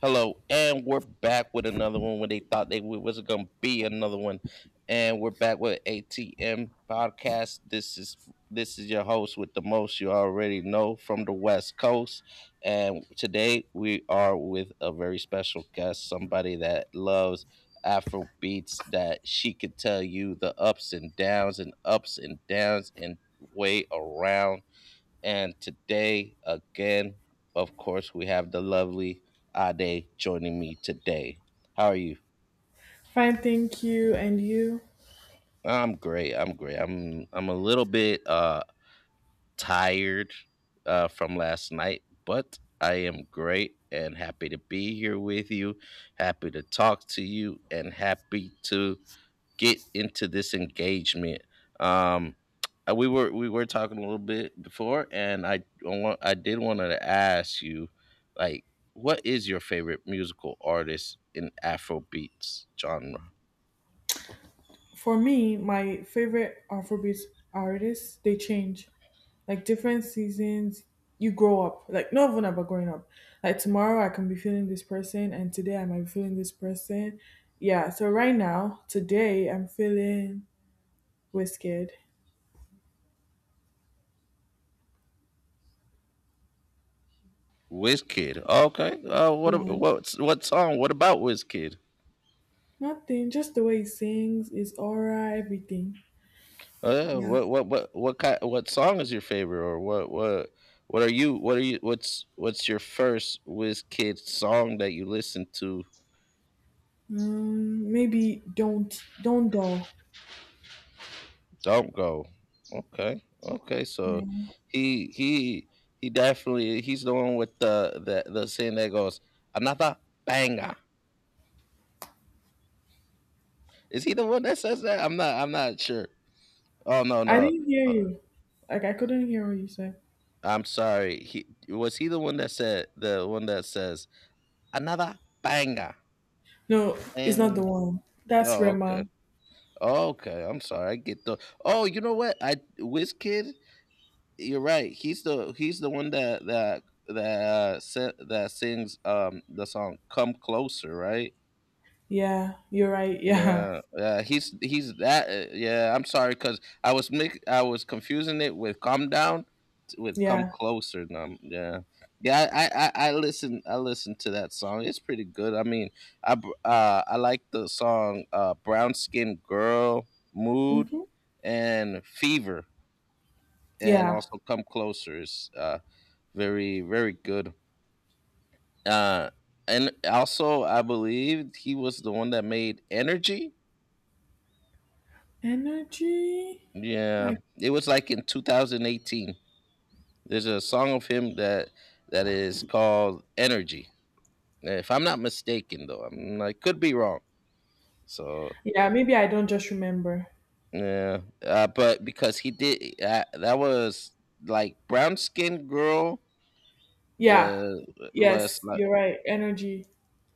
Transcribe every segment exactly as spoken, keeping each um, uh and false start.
Hello, and we're back with another one when they thought they w- was gonna be another one, and we're back with A T M podcast. This is this is your host with the most you already know from the West Coast, and today we are with a very special guest, somebody that loves Afro beats that she could tell you the ups and downs and ups and downs and way around and today, again, of course, we have the lovely Ade joining me today. How are you? Fine, thank you. And you? I'm great. I'm great. I'm I'm a little bit uh tired uh from last night, but I am great and happy to be here with you. Happy to talk to you and happy to get into this engagement. Um, uh, we were we were talking a little bit before, and I I want I did want to ask you, like, what is your favorite musical artist in Afrobeats genre? For me, my favorite Afrobeat artists, they change. Like different seasons, you grow up. Like not even about growing up. Like tomorrow I can be feeling this person and today I might be feeling this person. Yeah, so right now, today I'm feeling Wizkid. Wizkid. Okay. Uh, what ab- Yeah. what what song? What about Wizkid? Nothing, just the way he sings, his aura, everything. Uh, Yeah. what what what what kind, what song is your favorite, or what what what are you what are you what's what's your first Wiz Kid song that you listen to? Um maybe don't don't dull. Don't go. Okay, okay. So Yeah. he he he definitely he's the one with the the the saying that goes another banger. Is he the one that says that? I'm not I'm not sure. Oh, no, I no. didn't hear Uh, you. Like I couldn't hear what you said. I'm sorry. He was he the one that said the one that says another banger No, it's not the and. one. That's No. Rema. Okay, I'm sorry. I get the. Oh, you know what? I Wizkid. You're right. He's the he's the one that that that uh, sa- that sings um the song "Come Closer," right? Yeah, you're right. Yeah, Yeah, yeah, he's he's that. Uh, yeah, I'm sorry because I was mix, I was confusing it with "Calm Down" t- with "Come yeah, Closer." Um, yeah, yeah, I, I I I listen I listen to that song. It's pretty good. I mean, I br- uh I like the song uh "Brown Skin Girl," "Mood," mm-hmm. and "Fever," and Yeah. also "Come Closer" is uh very very good. Uh, and also I believe he was the one that made "Energy." Energy. Yeah, Like it was like in two thousand eighteen. There's a song of him that that is called Energy. If I'm not mistaken, though, I'm, I could be wrong. So yeah, maybe I don't just remember. yeah, uh, but because he did uh, that was like brown skinned girl Yeah. was was Yes, like. you're right. Energy.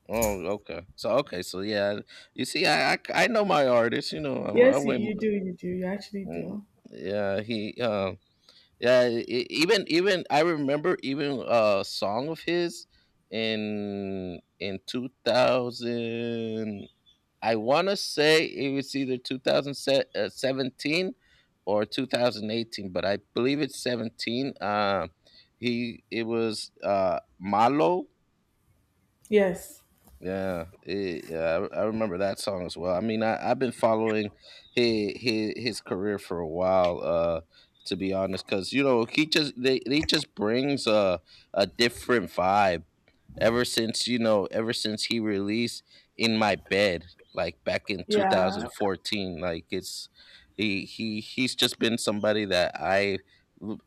Oh, okay, so okay, so yeah, you see, I I, I know my artist, you know I, I Yes, you, went. you do. You do. You actually Mm, do. yeah, he um. Yeah, e- even even I remember even a song of his in in two thousand. I want to say it was either twenty seventeen or two thousand eighteen, but I believe it's seventeen. Uh, he It was uh Malo. Yes. Yeah, it, yeah, I, I remember that song as well. I mean, I, I've been following his, his his career for a while, uh, to be honest, because you know he just they, he just brings a a different vibe ever since you know ever since he released in my bed like back in Yeah. two thousand fourteen. Like it's he he he's just been somebody that I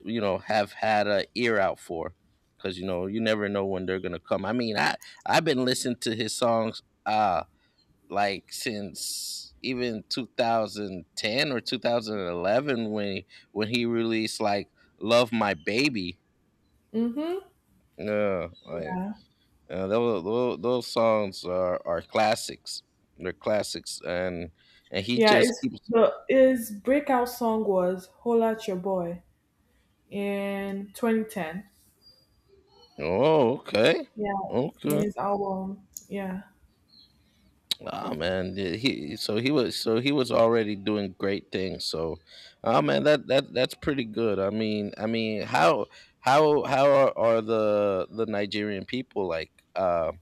you know have had a ear out for because you know you never know when they're gonna come. I mean, i i've been listening to his songs uh like since even two thousand ten or two thousand eleven when when he released like love my baby. Mm-hmm. Yeah, like, Yeah. uh, those, those those songs are, are classics. They're classics, and and he Yeah. just It's keeps. the his breakout song was "Holla at Your Boy" in twenty ten. Oh, okay, Yeah, in okay. his album. Yeah. Ah, man, yeah, he so he was so he was already doing great things. So, oh man, that that that's pretty good. I mean, I mean, how how how are, are the the Nigerian people like? Um,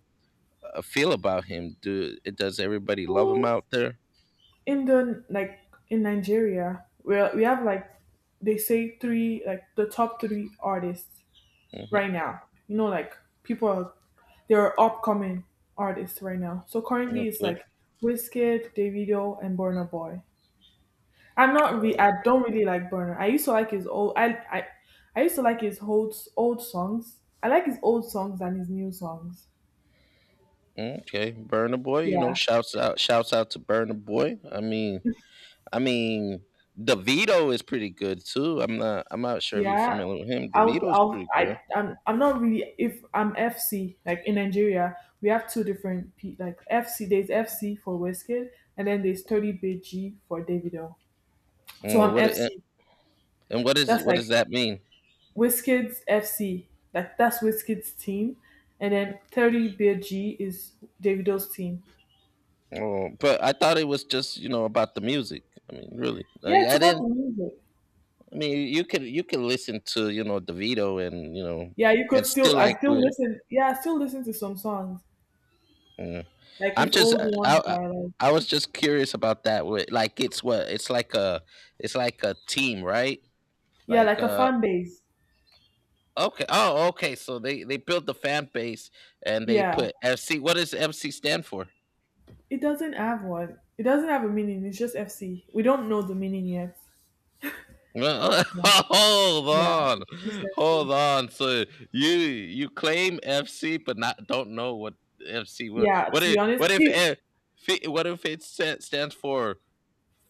uh, feel about him? Do it does everybody love him Well, out there? in the like in Nigeria, we we have like they say three like the top three artists Hmm. right now. You know, like people are they're upcoming artists right now. So currently it's Okay. like Wizkid, Davido, and Burna Boy. I'm not re- I don't really like Burna. I used to like his old I I I used to like his old old songs. I like his old songs than his new songs. Uh, okay. Burner Boy, you know, Yeah. shouts out, shouts out to Burner Boy. I mean, I mean, DeVito is pretty good too. I'm not, I'm not sure if you're Yeah, familiar with him. I'll, DeVito's I'll, pretty I, good. I'm, I'm not really. If I'm F C, like in Nigeria, we have two different P, like F C. There's F C for Wizkid, and then there's thirty B G for Davido. So Mm, I'm What it- F C. and what is That's what like does that mean? Wizkid's F C. Like that's Wizkid's team, and then thirty B G is Davido's team. Oh, but I thought it was just you know about the music. I mean, really, Yeah, like, it's I about didn't. the music. I mean, you you could you can listen to you know DeVito and you know Yeah, you and could still still. I like still we. listen. Yeah, I still listen to some songs, Yeah. like I'm his just old uh, I, ones. I Are like I was just curious about that. With like it's what it's like a it's like a team, right? yeah, Like like a uh fan base. okay, oh, okay. So they they built the fan base and they Yeah. put F C. What does F C stand for? It doesn't have one. It doesn't have a meaning. It's just F C. We don't know the meaning yet. Well, Yeah, hold yeah. on, It's just F C. hold on. So you you claim F C, but not don't know what F C will. Yeah, What to be if honest, what if it, eh, fe- what if it sa- stands for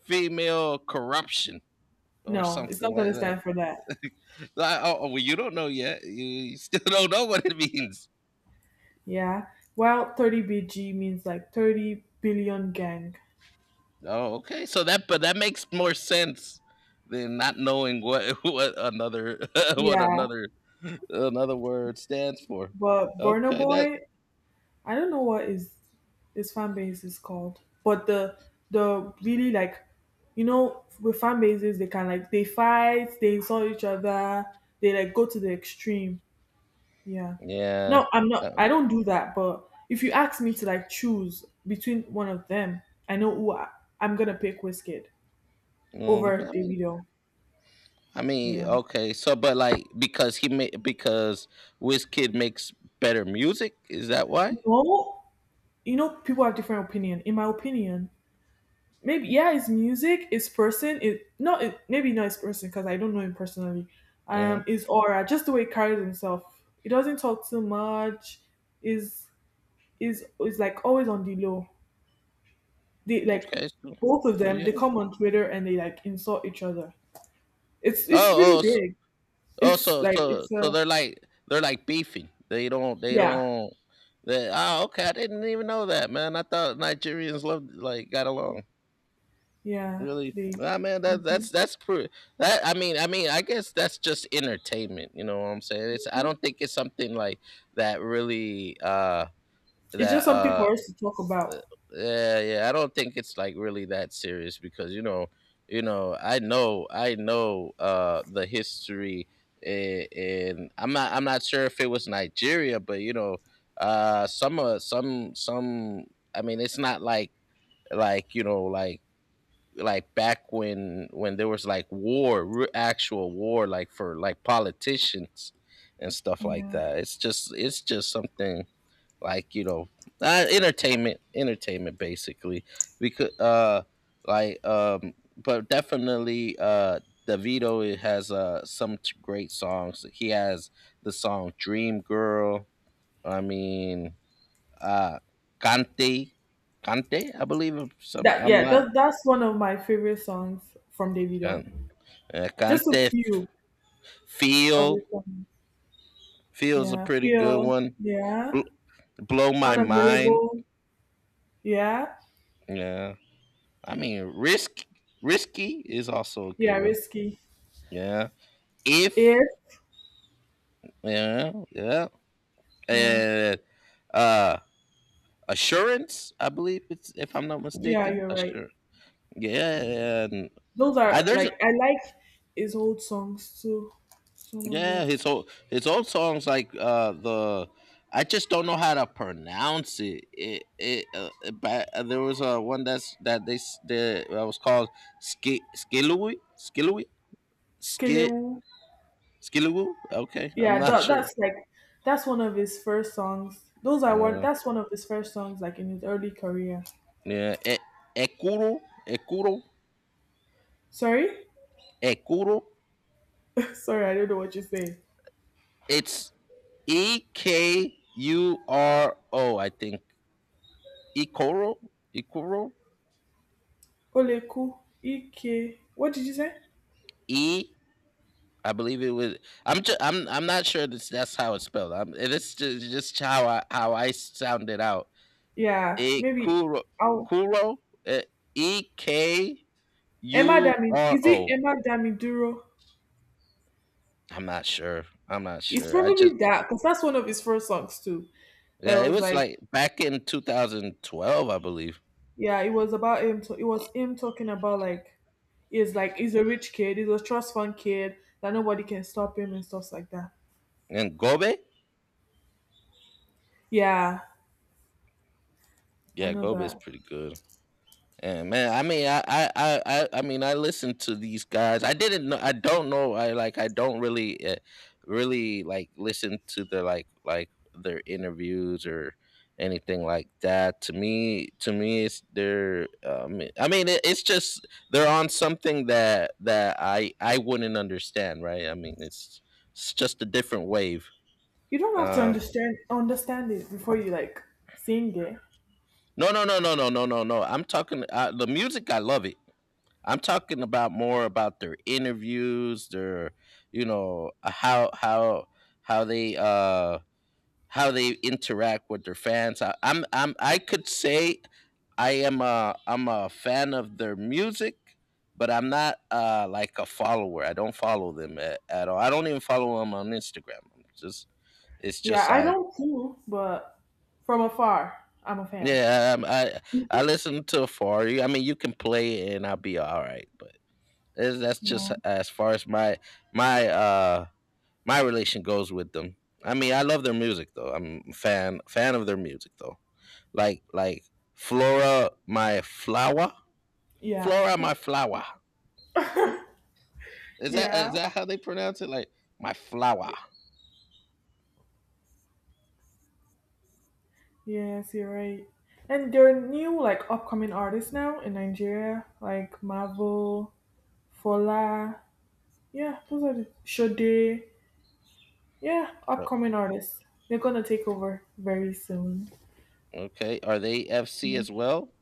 female corruption or no, it's something not going like to that? stand for that. Like, oh, oh, well, you don't know yet. You, you still don't know what it means. Yeah. Well, thirty B G means like thirty billion gang. Oh, okay. So that but that makes more sense than not knowing what what another what Yeah, another another word stands for. but Burna Okay, that. Boy, I don't know what his his fan base is called, but the the really like, you know, with fan bases they can like they fight, they insult each other, they like go to the extreme. Yeah. Yeah. No, I'm not. uh, I don't do that. But if you ask me to like choose between one of them, I know who I, I'm gonna pick Wizkid mm, over I mean, Davido. I mean, Yeah. okay. So, but like, because he made because Wizkid makes better music. Is that why? No, you know people have different opinion. In my opinion, maybe yeah, his music, his person, it not it, maybe not his person because I don't know him personally. Hmm. Um, his aura, just the way he carries himself. He doesn't talk too much. Is is is like always on the low. They like Okay. So, both of so them, they yeah. come on Twitter and they like insult each other. It's it's really Oh, oh, so, big. oh, It's so, like so, it's a, so they're like they're like beefing. They don't. They yeah. don't. They, oh, okay. I didn't even know that, man. I thought Nigerians loved, like, got along. yeah. Really, They I mean, that that's Mhm, that's pretty that i mean i mean i guess that's just entertainment you know what I'm saying it's I mhm. don't think it's something like that really uh It's that just something uh for us to talk about. Yeah, yeah, I don't think it's like really that serious because you know you know i know I know uh the history. a- and i'm not I'm not sure if it was Nigeria, but you know uh some uh some some I mean it's not like, like you know like, like back when when there was, like, war, re- actual war, like, for like politicians and stuff like Yeah. that. It's just it's just something like you know uh, entertainment, entertainment basically. We could uh like um, But definitely uh DeVito has uh some t- great songs. He has the song Dream Girl. I mean uh Cante, Cante, I believe. Some That I'm yeah, not. that that's one of my favorite songs from Davido. Um, uh, Just a Cante. few of Feel his songs. Feels a Yeah. pretty good Feel, one. yeah. Bl- Blow my mind. Unavailable. Yeah. Yeah. I mean, risk risky is also a good Yeah, one. risky. Yeah. If If Yeah, yeah, yeah. and uh assurance, I believe. It's If I'm not Yeah, mistaken, you're right. assurance. Yeah, and Those I, are there's. like I like his old songs too. Some of Yeah, it. his old, his old songs like uh the I just don't know how to pronounce it. It it uh, uh, but uh, there was uh, one that's that they s- that was called Ski Skillowy Skillowy Skit Skelewu. Skillowoo. Okay, I'm Yeah, not that, sure. that's like that's one of his first songs. Those are one Uh, that's one of his first songs like in his early career. yeah, e- Ekuro, Ekuro, Sorry? Ekuro. Sorry, I don't know what you say. It's E K U R O. I think Ekuro, Ekuro, Oleku Ike. What did you say? E, I believe it was. I'm just. I'm. I'm not sure that's that's how it's spelled. I'm. It's just, just how I how I sound it out. Yeah, E maybe kuro, I'll kuro, e k Emma u Dami, r is it o. Emma Damiduro? I'm not sure. I'm not It's sure. I probably just. that because that's one of his first songs too. That Yeah, it was was like like back in two thousand twelve, I believe. yeah, it was about him. To, it was him talking about like he's like he's a rich kid, he's a trust fund kid that nobody can stop him and stuff like that. And Gobe. Yeah, I Yeah, know Gobe is that. pretty good. And man, I mean, I, I, I, I I mean, I listened to these guys. I didn't know. I don't know. I like. I don't really, uh, really like listen to their, like, like their interviews or anything like that. To me, to me, it's they're. Um, I mean, it, it's just they're on something that that I I wouldn't understand, right? I mean, it's it's just a different wave. You don't have to Um, understand understand it before you like sing it. no, no, no, no, no, no, no, no. I'm talking uh, the music. I love it. I'm talking about more about their interviews, their you know uh, how how how they uh how they interact with their fans. I, I'm I'm I could say I am a I'm a fan of their music, but I'm not uh like a follower. I don't follow them at, at all. I don't even follow them on Instagram. I'm just it's Yeah, just I like. don't too, but from afar, I'm a fan. Yeah, I'm, I I listen to Afari. I mean, you can play it and I'll be all right, but. Is- That's just Yeah, as far as my my uh my relation goes with them. I mean, I love their music though. I'm a fan fan of their music though. Like, like Flora my flower, yeah, Flora my flower. Is that is yeah. that how they pronounce it? Like my flower. Yes, you're right. And there are new like upcoming artists now in Nigeria, like Marvel, Fola. Yeah, those are the Shode. Yeah, Sure. upcoming artists. They're gonna take over very soon. Okay. Are they F C Yeah. as well?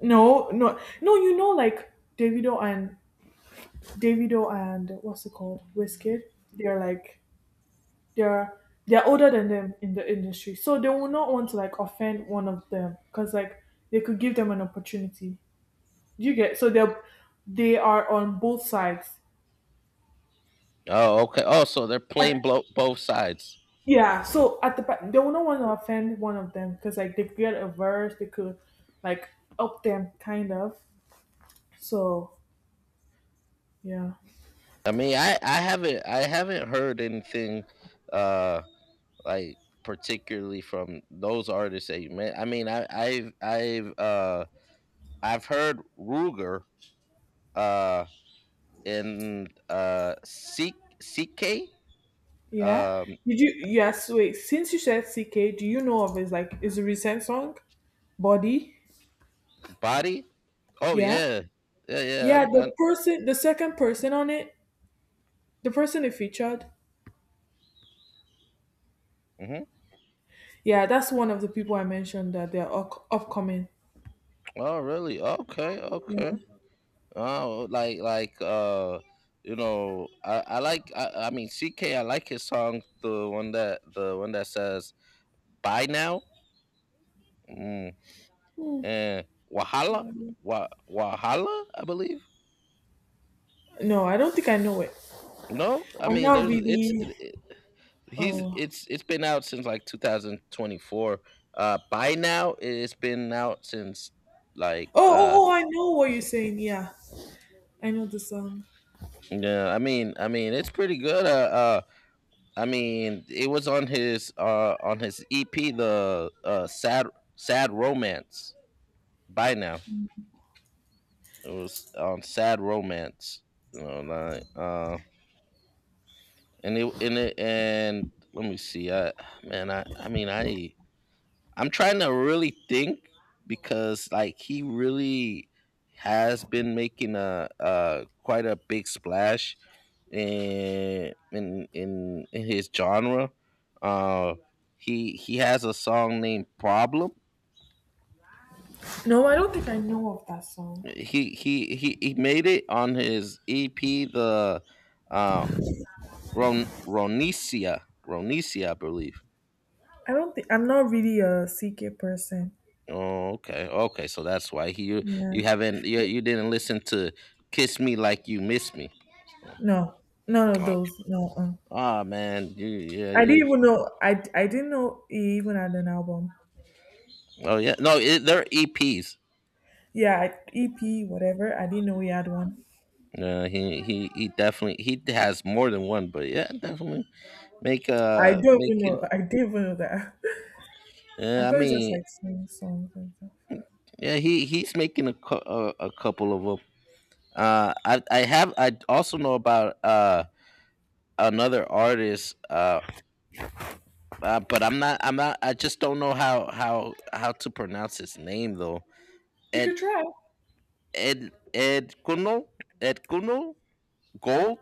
No, no, no. You know, like Davido and Davido and what's it called, Wizkid. They're like they're they're older than them in the industry, so they will not want to like offend one of them because like they could give them an opportunity. You get so they're they are on both sides. Oh, okay. Oh, so they're playing At- blo- both sides. yeah, so at the back, they will not want to offend one of them because like they could get a verse, they could like up them kind of. So yeah, I mean, I, I haven't I haven't heard anything uh like particularly from those artists that you met. I mean, I I've I've uh I've heard Ruger uh in uh C- CK, yeah. um Did you? Yes. Wait. Since you said C K, do you know of his like is a recent song? Body. body. Oh Yeah. yeah. Yeah, yeah. Yeah. I, The I, person, the second person on it, the person it featured. mhm. Yeah, that's one of the people I mentioned that they're up- upcoming. Oh, really? Okay, okay. Yeah. Oh, like like uh, you know, I I like I, I mean C. K. I like his song, the one that the one that says "Bye Now" mm. and "Wahala," Wa Wahala, I believe. No, I don't think I know it. No, I I'm mean not there's it's really. it, it, he's Oh. it's it's been out since like two thousand twenty-four. Uh, "by Now" it's been out since like Oh. Oh. uh Oh. I know what you're saying. Yeah. I know the song. yeah. I mean I mean it's pretty good. Uh, uh, I mean, it was on his uh on his E P, the uh sad Sad Romance. By Now, it was on Sad Romance. You know, like uh, and it and it and let me see. I man, I I mean, I I'm trying to really think because like he really has been making a uh quite a big splash in in in, in his genre. Uh, he he has a song named Problem. No, I don't think I know of that song. He he he, he made it on his E P, the uh, Ron, Ronicia Ronicia, I believe. I don't think I'm not really a C K person. Oh, okay, okay. So that's why he you Yeah. you haven't you, you didn't listen to "Kiss Me Like You Miss Me." No, none Oh, of okay. those. No, uh. Ah man, you, yeah, I you. didn't even know. I I didn't know he even had an album. Oh yeah, no, it, they're E Ps. Yeah, E P, whatever. I didn't know he had one. Yeah, he he he definitely he has more than one, but yeah, definitely make I uh don't even making. know. I didn't even know that. I Yeah, I thought he just mean, like sing songs and stuff. yeah, he he's making a cou- a, a couple of them. Uh, I I have I also know about uh another artist, uh, uh but I'm not I'm not I just don't know how how how to pronounce his name though. You Ed could try. Ed Ed Kuno, Ed Kuno Gold.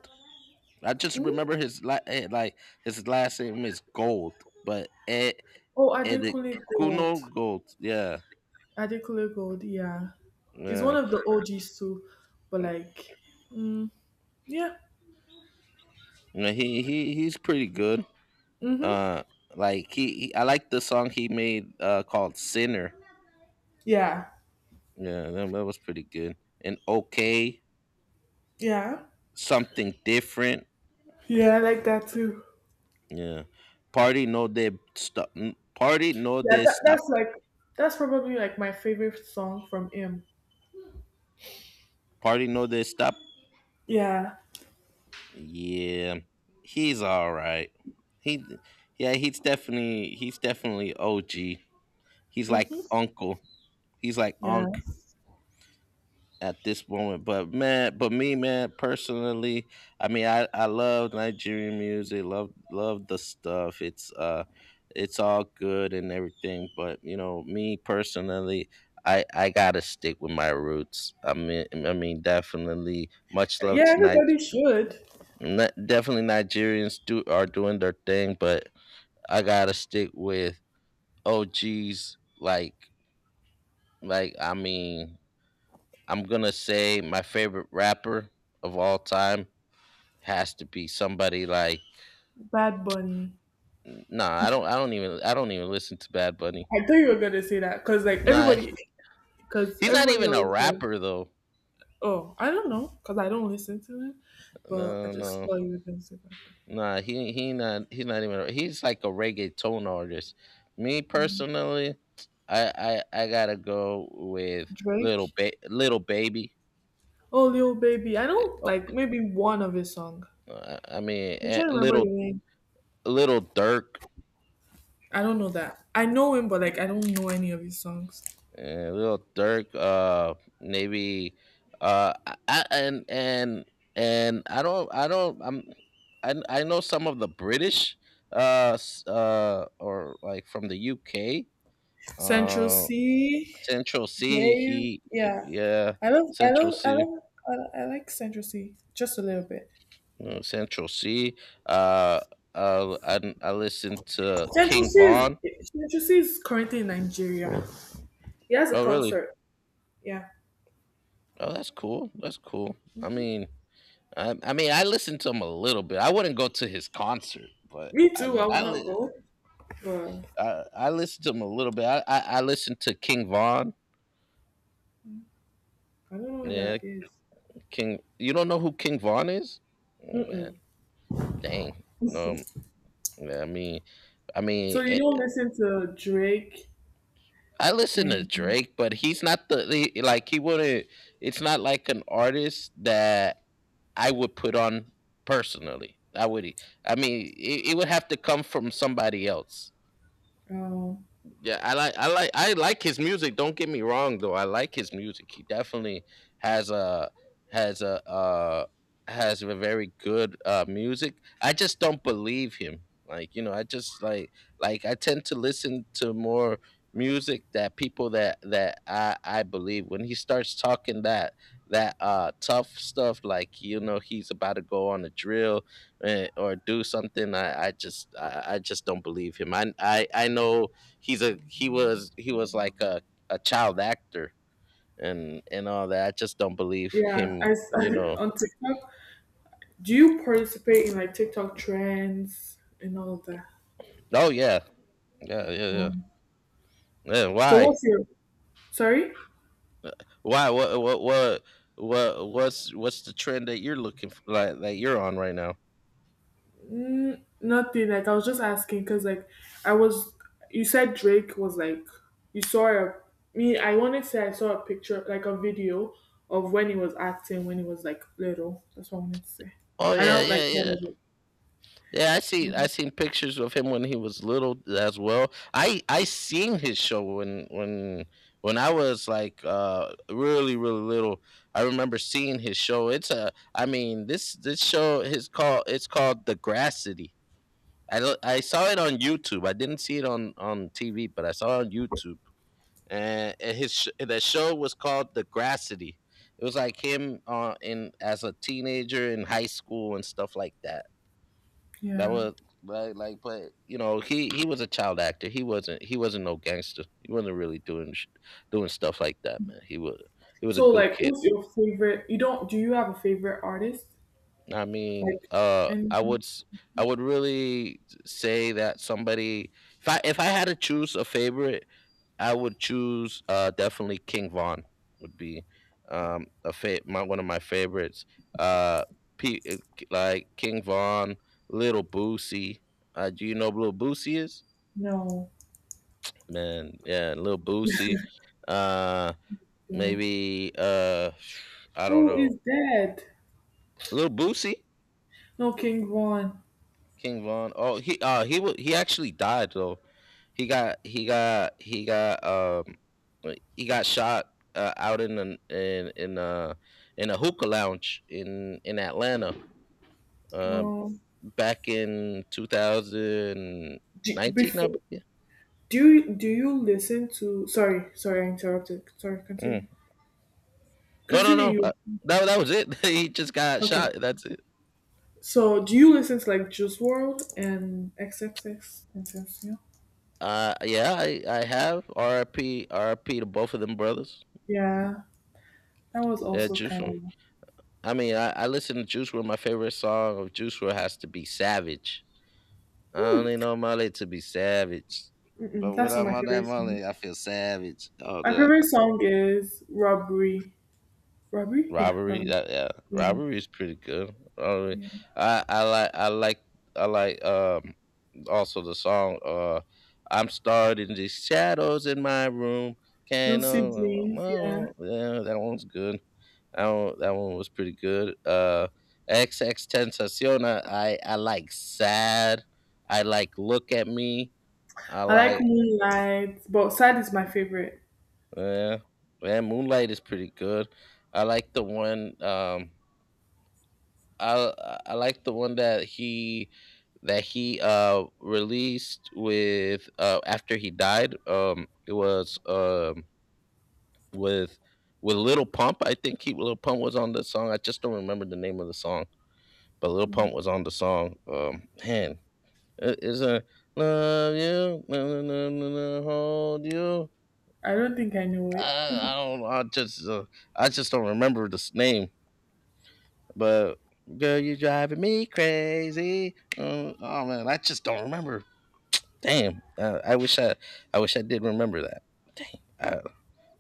I just Hmm? remember his la- eh, like his last name is Gold, but Ed Oh, and the Adekunle Gold. Kuno Gold. Yeah, Adekunle Gold. Yeah, he's yeah, one of the O Gs too. But like, yeah. yeah. He he he's pretty good. Mhm. Uh, like he, he I like the song he made uh called Sinner. Yeah. Yeah, that, that was pretty good. And okay, Yeah. something different. Yeah, I like that too. Yeah, party no de stop. Party no Yeah, de that, stop. that's like that's probably like my favorite song from him. Party no de stop. Yeah. Yeah, he's all right. He, yeah, he's definitely he's definitely O G. He's like Mhm. uncle. He's like Yeah. unc at this moment. But man, but me, man, personally, I mean, I I love Nigerian music. Love love the stuff. It's uh, it's all good and everything. But you know, me personally, I, I gotta stick with my roots. I mean, I mean, definitely. Much love Yeah, to Ni- everybody should. Ni- definitely, Nigerians do are doing their thing, but I gotta stick with O Gs. Like, like I mean, I'm gonna say my favorite rapper of all time has to be somebody like Bad Bunny. nah. I don't. I don't even. I don't even listen to Bad Bunny. I thought you were gonna say that because like Nah, everybody, he- because he's not everybody even a always says, rapper though. "Oh, I don't know," because I don't listen to him. But I No, just no, thought you were gonna say Bad Bunny. nah. He he not. He's not even a- he's like a reggaeton artist. Me personally, I I, I gotta go with little Drake. Ba- little Baby. Oh, Lil Baby. I don't Oh, like maybe one of his song. I I mean, I'm eh, trying to remember little the name. little Dirk. I don't know that. I know him, but like I don't know any of his songs. Eh, Little Dirk, uh, maybe, uh, I, I- and and and I don't, I don't, I'm, I I know some of the British, uh, s- uh, or like from the U K, Central uh, C. Central Yeah, C. you, He, he yeah. yeah, I love, I Central love, I C, love, I, I like Central C just a little bit. uh, Central C. Uh, uh, I I listened to Central King C, is Vaughn. Central C is currently in Nigeria. He has a Oh, really? concert. Yeah, Oh, that's cool. That's cool. I mean, I, I mean, I listened to him a little bit. I wouldn't go to his concert, but me I too. mean, I would I not li- go, but I, I listened to him a little bit. I, I, I listened to King Vaughn. I don't know what Yeah, that is. King. You don't know who King Vaughn is? Oh, man, Mm-mm. dang. Um, yeah, I mean, I So mean, you don't it, listen to Drake I listen to and Drake, but he's not the he, like he wouldn't. It's not like an artist that I would put on personally. I would. I mean, it, it would have to come from somebody else. um, Yeah, I like I like I like his music. Don't get me wrong though. I like his music. He definitely has a has a uh has a very good uh music. I just don't believe him. Like, you know, I just like like I tend to listen to more music that people that that I I believe when he starts talking that that uh tough stuff, like you know he's about to go on a drill, eh, or do something. I I just I, I just don't believe him. I I I know he's a he was he was like a, a child actor and and all that. I just don't believe yeah, I, him. s- You know. on TikTok. Do you participate in like TikTok trends and all of that? Oh yeah, yeah, yeah, yeah. Mm. Yeah, So why? what's your sorry? Why? What? What? What? What? What's what's the trend that you're looking for, like that you're on right now? Mm, nothing. Like I was just asking because like I was. You said Drake was like you saw a me. I wanted to say I saw a picture like a video of when he was acting when he was like little. That's what I wanted to say. Oh I yeah, don't yeah, like yeah. all of it. Yeah, I Yeah. see. I seen pictures of him when he was little as well. I I seen his show when when when I was like uh really really little. I remember seeing his show. It's a I mean this this show is called, it's called The Grass City. I don't- I saw it on YouTube. I didn't see it on on T V, but I saw it on YouTube. And and his sh- the show was called The Grass City. It was like him, uh, in as a teenager in high school and stuff like that, that Yeah. was like like, but you know he he was a child actor. He wasn't he wasn't no gangster. He wasn't really doing sh- doing stuff like that, man. He was he was a So good like, kid. who's your favorite? You don't? Do you have a favorite artist? I mean, Like, uh, and I would s- I would really say that somebody, if I if I had to choose a favorite, I would choose uh definitely King Von would be um a fa- my one of my favorites. Uh, P- like King Von, Little Boosie. Uh, do you know who Little Boosie is? no, Man, yeah, Lil Boosie. Uh no. maybe uh I don't Oh, know. he's dead. Lil Boosie, No, King Von. King Von. Oh, he uh he wa he actually died though. He got he got he got, um uh, he got shot, uh, out in an in in uh in a hookah lounge in in Atlanta. Um Oh, Back in do, two thousand nineteen, I before. believe. Do you do you listen to sorry, sorry, I interrupted. Sorry, Mm. continue. No, no, Continue no. Uh, you. that that was it. He just got Okay. shot. That's it. So do you listen to like Juice World and X X X Tentacion? Uh, yeah, I, I have R I P R I P to both of them brothers. Yeah. That was Yeah, also Juice kind world. of I mean, I, I listen to Juice world. My favorite song of Juice world has to be Savage. I hmm, don't need no money to be savage, mm-mm, but when that's not I'm my on that favorite song. money, I feel savage. Oh, My the favorite uh, song is Robbery. Robbery? Yeah, robbery, Robbery. that, yeah, Yeah. robbery is pretty good. Robbery. Yeah. I I like I like I like um also the song, uh I'm starred in the shadows in my room. Can't Lucid know, Dreams, yeah. yeah, that one's good. That one, that one was pretty good. Uh, X X Tentaciona, I I like Sad. I like Look At Me. I I like like Moonlight, but Sad is my favorite. yeah, yeah. Moonlight is pretty good. I like the one. Um, I I like the one that he that he uh released, with uh after he died. Um, it was um With with Little Pump. I think he Little Pump was on the song. I just don't remember the name of the song, but Lil Pump was on the song. Um, man, it- it's a love you, na- na- na- na- na- hold you. I don't think I know it. I, I don't. I just. Uh, I just don't remember this name. But girl, you driving me crazy. Uh, oh man, I just don't remember. Damn. Uh, I wish I. I wish I did remember that. Dang. I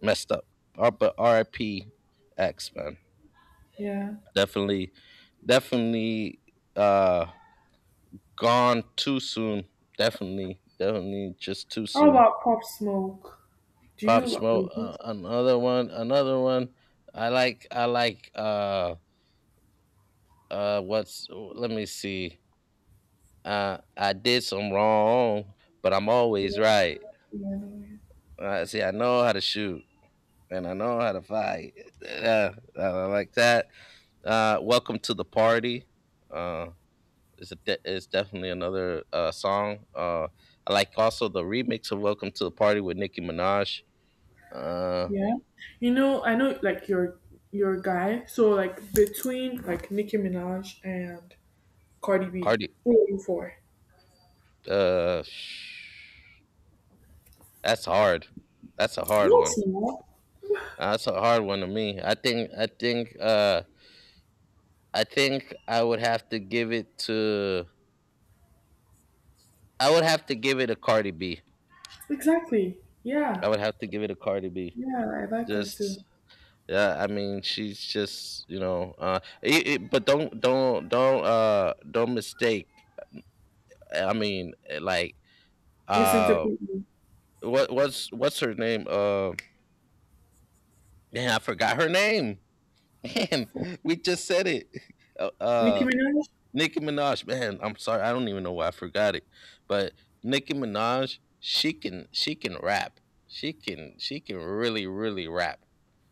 messed up. R- but R I P. X man. Yeah. Definitely. Definitely. Uh, gone too soon. Definitely, definitely, just too How soon. about Pop Smoke? Do Pop you Smoke, uh, like another one, another one. I like, I like, uh uh what's, let me see. Uh, I did some wrong, but I'm always yeah, right. yeah. Uh, see, I know how to shoot and I know how to fight. Yeah, I like that. Uh, welcome to the party. Uh, is a de- is definitely another uh song. Uh, I like also the remix of Welcome to the Party with Nicki Minaj. Uh, Yeah. You know, I know like you're you're a guy, so like between like Nicki Minaj and Cardi B, Cardi. who are you for? Uh, sh- that's hard. That's a hard What one. now? That's a hard one to me. I think. I think. Uh, I think I would have to give it to, I would have to give it a Cardi B. Exactly. Yeah. I would have to give it a Cardi B. Yeah, I like her Just. too. Yeah, I mean, she's just, you know, uh, it, it, but don't don't don't uh don't mistake. I mean, like uh, Misinterpret me. what what's what's her name? Uh, man, I forgot her name. Man, we just said it. Uh, Nicki uh Minaj? Nicki Minaj, man, I'm sorry, I don't even know why I forgot it. But Nicki Minaj, she can she can rap. She can she can really really rap.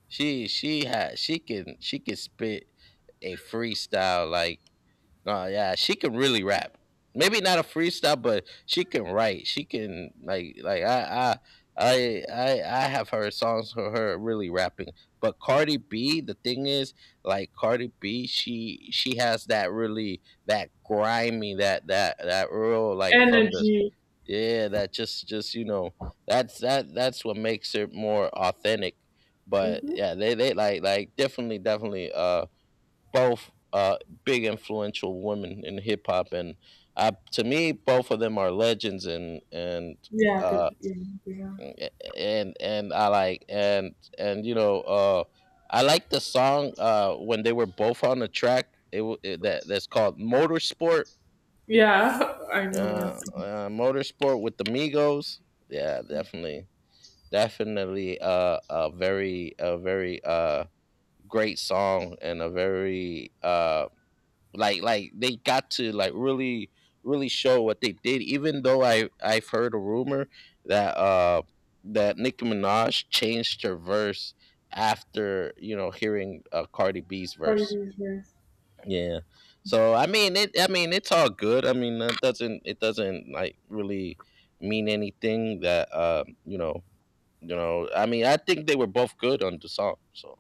She she had she can she can spit a freestyle like no, yeah, she can really rap. Maybe not a freestyle, but she can write. She can like like I I I I, I have heard songs for her really rapping. But Cardi B, the thing is, like Cardi B, she she has that really that grimy that that that real like from the Energy. yeah that just just you know that's that that's what makes it more authentic. But Mm-hmm. yeah, they they like like definitely definitely uh both uh, big influential women in hip hop, and I, to me, both of them are legends, and and Yeah, good. uh, Yeah, yeah. and and I like and and you know, uh, I like the song uh, when they were both on the track. It, w- it that that's called Motorsport. Yeah, I know uh, that. uh, Motorsport with the Migos. Yeah, definitely, definitely, uh, a very, a very, uh, great song, and a very, uh like like they got to like really really show what they did, even though i i've heard a rumor that uh that Nicki Minaj changed her verse after, you know hearing, uh, Cardi B's Cardi verse. B's verse. Yeah, so i mean it i mean it's all good. I mean, it doesn't it doesn't like really mean anything. That um you know you know I mean, I think they were both good on the song, so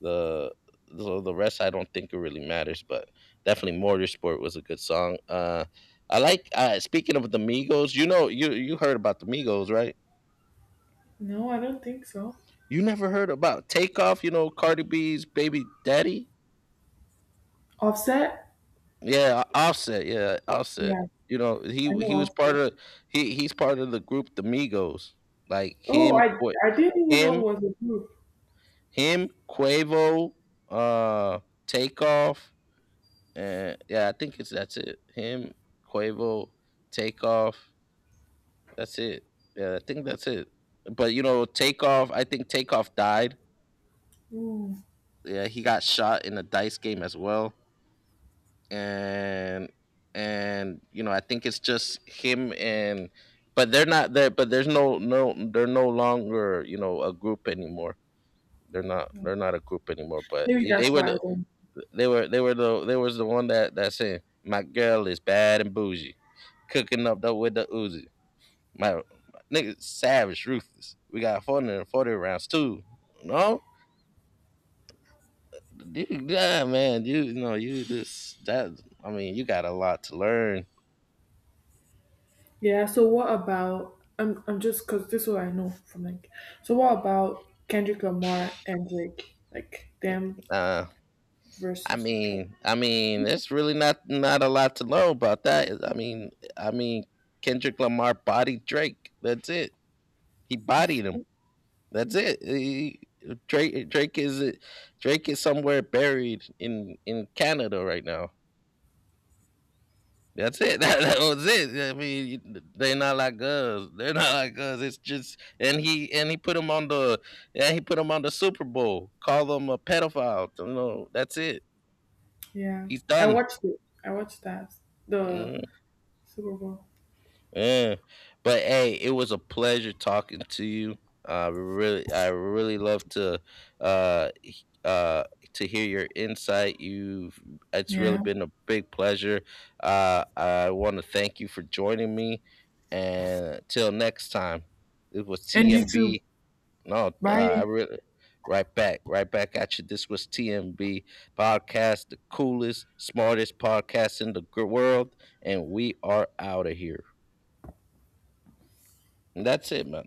the the, the rest, I don't think it really matters. But definitely Motorsport was a good song. Uh, I like, uh, speaking of the Migos. You know, you you heard about the Migos, right? No, I don't think so. You never heard about Takeoff? You know, Cardi B's baby daddy. Offset? Yeah, Offset. Yeah, Offset. Yeah. You know, I he he know was what's part that. of he he's part of the group the Migos. Like Oh, him, I Qua- I didn't even know him, it was a group. him, Quavo, uh, Takeoff. And yeah, I think it's that's it. Him, Quavo, Takeoff. That's it. Yeah, I think that's it. But you know, Takeoff, I think Takeoff died. Mm, Yeah, he got shot in a dice game as well. And and you know, I think it's just him and. But they're not there. But there's no no. They're no longer, you know, a group anymore. They're not. They're not a group anymore. But maybe they that's were. why I The, don't. They were they were the they was the one that that said my girl is bad and bougie, cooking up though with the Uzi. My, my nigga savage, ruthless. We got four hundred forty rounds too. No, yeah, man, you, you know you just that. I mean, you got a lot to learn. Yeah. So what about? I'm I'm just because this is what I know from like. So what about Kendrick Lamar and Drake? Like them Uh, I versus the Trump. mean, I mean, it's really not not a lot to learn about that. I mean, I mean, Kendrick Lamar bodied Drake. That's it. He bodied him. That's it. He- Drake Drake is Drake is somewhere buried in in Canada right now. That's it. That, that was it. I mean, they're not like us. They're not like us. It's just, and he and he put him on the and he put him on the Super Bowl. Call him a pedophile. You know, that's it. Yeah. He's I done. watched it. I watched that the Mm-hmm. Super Bowl. Yeah. But hey, it was a pleasure talking to you. I really I really love to uh h- uh to hear your insight. You've It's really Yeah. been a big pleasure. Uh I want to thank you for joining me, and till next time. It was And YouTube. T M B. No, uh, I Bye. really right back, right back at you. This was T M B podcast, the coolest, smartest podcast in the gr- world, and we are out of here. That's it, man.